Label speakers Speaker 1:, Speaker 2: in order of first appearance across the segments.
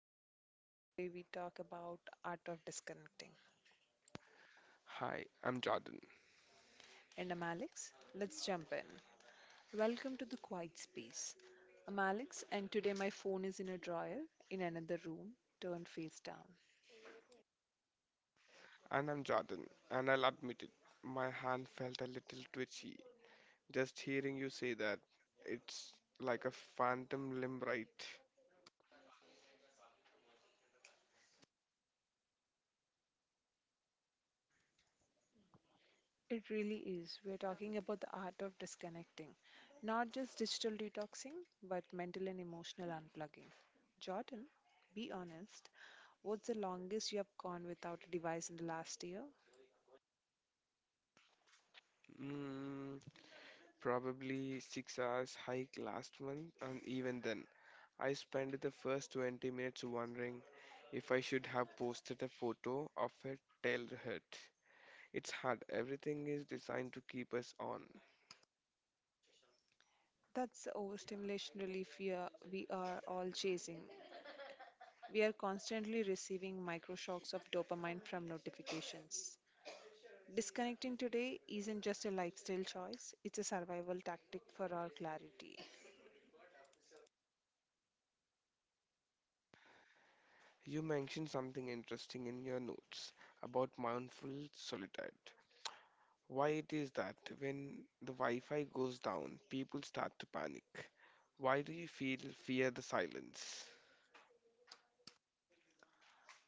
Speaker 1: again, the show where we talk about art of disconnecting.
Speaker 2: Hi, I'm Jordan,
Speaker 1: And I'm Alex. Let's jump in. Welcome to the quiet space. I'm Alex, and today my phone is in a drawer in another room, turned face down.
Speaker 2: and I'm Jordan, and I'll admit it, my hand felt a little twitchy. Just hearing you say that, it's like a phantom limb, right?
Speaker 1: It really is. We're talking about the art of disconnecting, not just digital detoxing, but mental and emotional unplugging. Jordan, be honest. What's the longest you have gone without a device in the last year?
Speaker 2: Mm, Probably 6 hours hike last month, and even then, I spent the first 20 minutes wondering if I should have posted a photo of a tail hurt. It's hard, everything is designed to keep us on.
Speaker 1: That's the overstimulation relief we are all chasing. We are constantly receiving microshocks of dopamine from notifications. Disconnecting today isn't just a lifestyle choice, it's a survival tactic for our clarity.
Speaker 2: You mentioned something interesting in your notes about mindful solitude. Why it is that when the Wi-Fi goes down, people start to panic? Why do you feel fear the silence?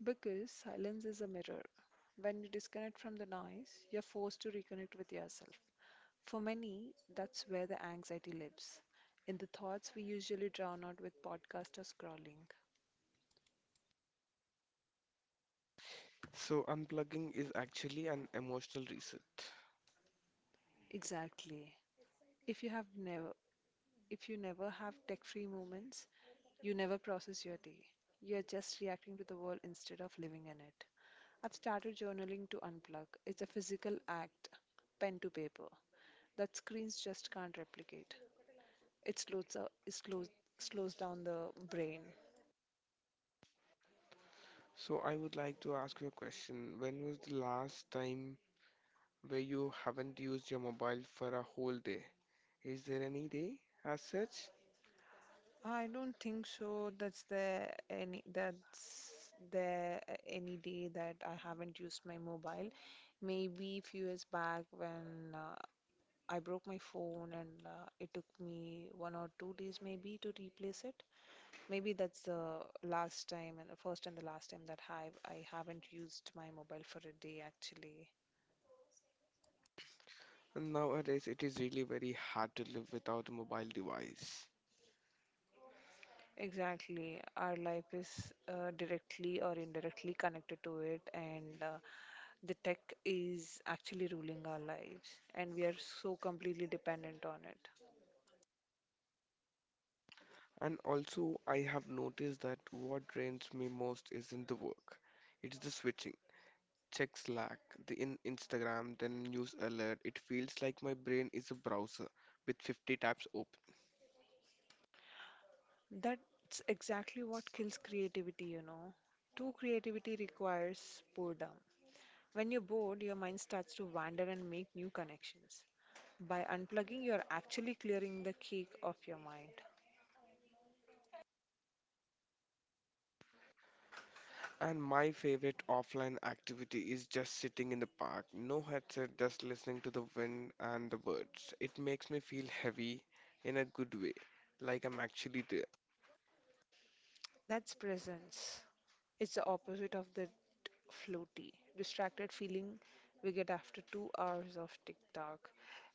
Speaker 1: Because silence is a mirror. When you disconnect from the noise, you're forced to reconnect with yourself. For many, that's where the anxiety lives, in the thoughts we usually drown out with podcast or scrolling.
Speaker 2: So unplugging is actually an emotional reset.
Speaker 1: Exactly. If you have never If you never have tech free moments, you never process your day. You are just reacting to the world instead of living in it. I've started journaling to unplug. It's a physical act, pen to paper, that screens just can't replicate. It slows, up- it slows, Slows down the brain.
Speaker 2: So I would like to ask you a question. When was the last time where you haven't used your mobile for a whole day? Is there any day as such?
Speaker 1: I don't think so. That's the any day that I haven't used my mobile. Maybe few years back when I broke my phone and it took me 1 or 2 days maybe to replace it. Maybe that's the last time and the first and the last time that I haven't used my mobile for a day actually.
Speaker 2: Nowadays, it is really very hard to live without a mobile device.
Speaker 1: Exactly. Our life is directly or indirectly connected to it, and the tech is actually ruling our lives, and we are so completely dependent on it.
Speaker 2: And also, I have noticed that what drains me most isn't the work. It's the switching. Check Slack, the in Instagram, then news alert. It feels like my brain is a browser with 50 tabs open.
Speaker 1: That's exactly what kills creativity, you know. True creativity requires boredom. When you're bored, your mind starts to wander and make new connections. By unplugging, you're actually clearing the cake of your mind.
Speaker 2: And my favorite offline activity is just sitting in the park. No headset, just listening to the wind and the birds. It makes me feel heavy in a good way, like I'm actually there.
Speaker 1: That's presence. It's the opposite of the floaty, distracted feeling we get after 2 hours of TikTok.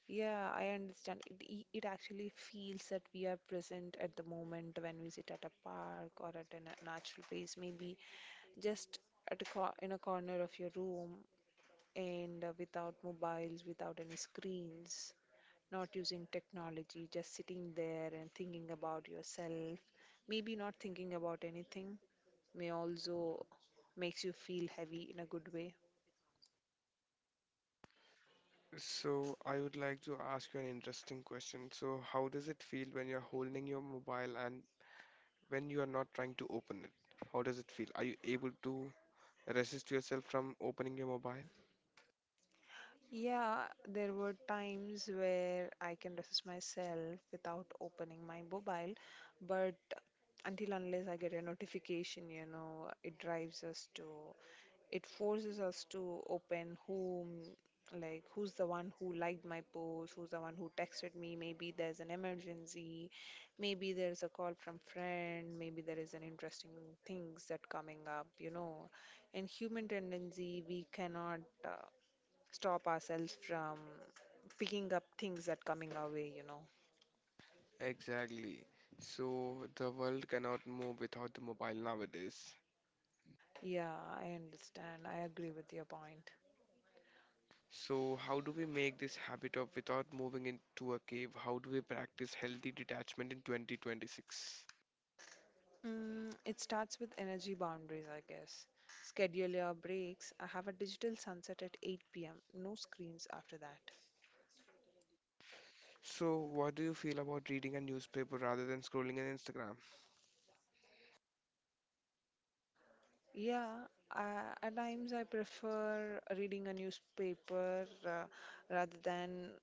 Speaker 1: Yeah, I understand. It actually feels that we are present at the moment when we sit at a park or at a natural place, maybe just at a in a corner of your room and without mobiles, without any screens, not using technology, just sitting there and thinking about yourself, maybe not thinking about anything, may also makes you feel heavy in a good way.
Speaker 2: So I would like to ask you an interesting question. So how does it feel when you're holding your mobile and when you are not trying to open it? How does it feel? Are you able to resist yourself from opening your mobile?
Speaker 1: Yeah, there were times where I can resist myself without opening my mobile, but until unless I get a notification, you know, it forces us to open whom, like who's the one who liked my post, who's the one who texted me, maybe there's an emergency, maybe there's a call from friend, maybe there is an interesting things that coming up, you know. In human tendency, we cannot. Stop ourselves from picking up things that coming our way, you know.
Speaker 2: Exactly. So the world cannot move without the mobile nowadays.
Speaker 1: Yeah, I understand. I agree with your point.
Speaker 2: So how do we make this habit of without moving into a cave? How do we practice healthy detachment in 2026?
Speaker 1: It starts with energy boundaries, I guess. Schedule your breaks. I have a digital sunset at 8 p.m. No screens after that.
Speaker 2: So what do you feel about reading a newspaper rather than scrolling on Instagram?
Speaker 1: Yeah, at times I prefer reading a newspaper rather than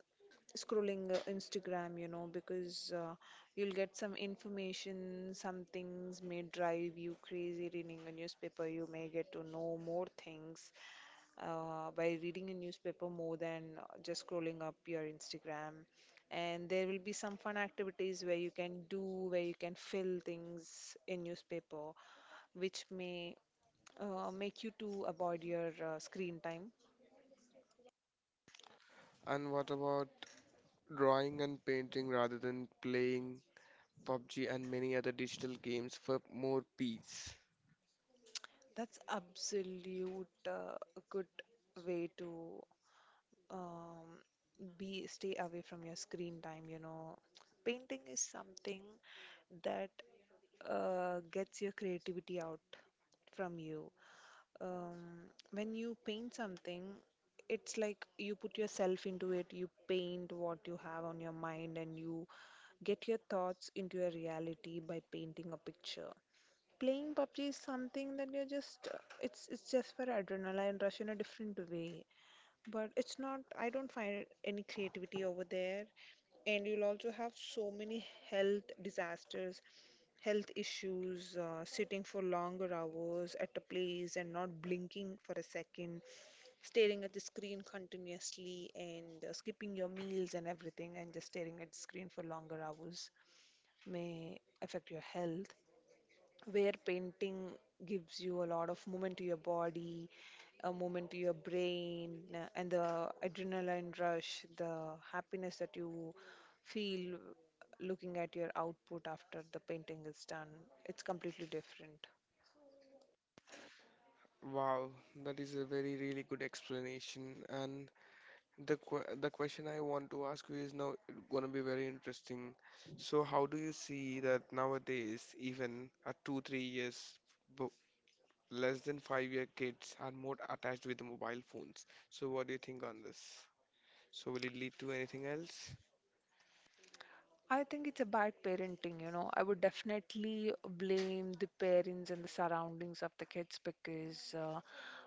Speaker 1: scrolling Instagram, you know, because you'll get some information, some things may drive you crazy reading a newspaper. You may get to know more things by reading a newspaper more than just scrolling up your Instagram. And there will be some fun activities where you can do, where you can fill things in newspaper, which may make you to avoid your screen time.
Speaker 2: And what about drawing and painting rather than playing PUBG and many other digital games for more peace.
Speaker 1: That's absolute a good way to um, be stay away from your screen time, you know. Painting is something that gets your creativity out from you. When you paint something, it's like you put yourself into it, you paint what you have on your mind, and you get your thoughts into your reality by painting a picture. Playing PUBG is something that you're just it's just for adrenaline rush in a different way. But it's not, I don't find any creativity over there. And you'll also have so many health disasters, health issues, sitting for longer hours at a place and not blinking for a second, staring at the screen continuously, and skipping your meals and everything, and just staring at the screen for longer hours may affect your health where painting gives you a lot of movement to your body, a movement to your brain, and the adrenaline rush, the happiness that you feel looking at your output after the painting is done. It's completely different.
Speaker 2: Wow, that is a very really good explanation. And the question I want to ask you is now gonna be very interesting. So how do you see that nowadays, even at 2 3 years, bo- less than 5 year kids are more attached with mobile phones. So what do you think on this? So will it lead to anything else?
Speaker 1: I think it's a bad parenting, you know. I would definitely blame the parents and the surroundings of the kids because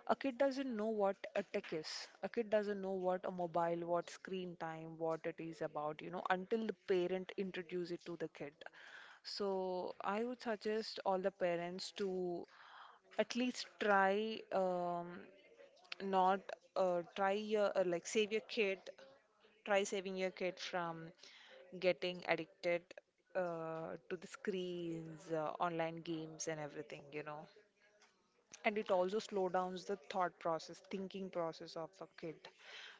Speaker 1: a kid doesn't know what a tech is. A kid doesn't know what a mobile, what screen time, what it is about, you know, until the parent introduce it to the kid. So I would suggest all the parents to at least try not try your like save your kid try saving your kid from getting addicted to the screens, online games and everything, you know. And it also slow downs the thought process thinking process of a kid,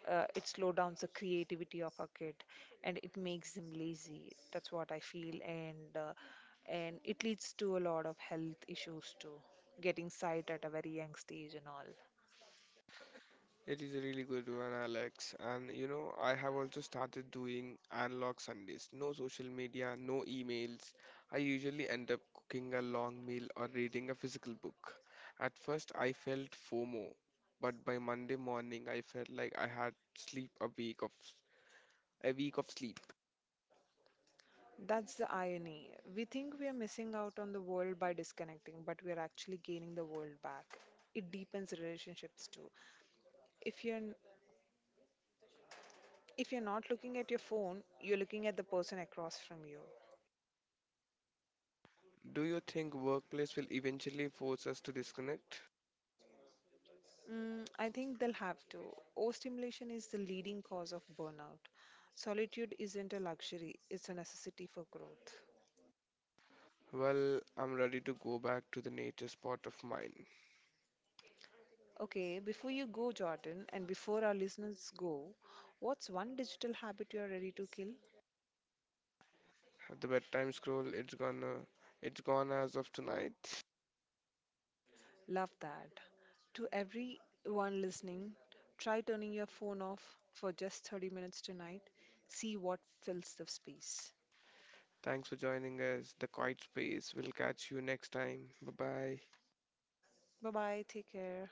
Speaker 1: it slow downs the creativity of a kid and it makes them lazy, that's what I feel. And and it leads to a lot of health issues too, getting sight at a very young stage and all.
Speaker 2: It is a really good one, Alex. And you know, I have also started doing analog Sundays. No social media, no emails. I usually end up cooking a long meal or reading a physical book. At first, I felt FOMO, but by Monday morning, I felt like I had sleep a week of sleep.
Speaker 1: That's the irony. We think we are missing out on the world by disconnecting, but we are actually gaining the world back. It deepens relationships too. If you're n- if you're not looking at your phone, you're looking at the person across from you.
Speaker 2: Do you think workplace will eventually force us to disconnect?
Speaker 1: I think they'll have to. Overstimulation is the leading cause of burnout. Solitude isn't a luxury, it's a necessity for growth.
Speaker 2: Well, I'm ready to go back to the nature spot of mine.
Speaker 1: Okay, before you go, Jordan, and before our listeners go, what's one digital habit you're ready to kill?
Speaker 2: The bedtime scroll, it's gone. It's gone as of tonight.
Speaker 1: Love that. To everyone listening, try turning your phone off for just 30 minutes tonight. See what fills the space.
Speaker 2: Thanks for joining us. The quiet space. We'll catch you next time. Bye bye.
Speaker 1: Bye bye. Take care.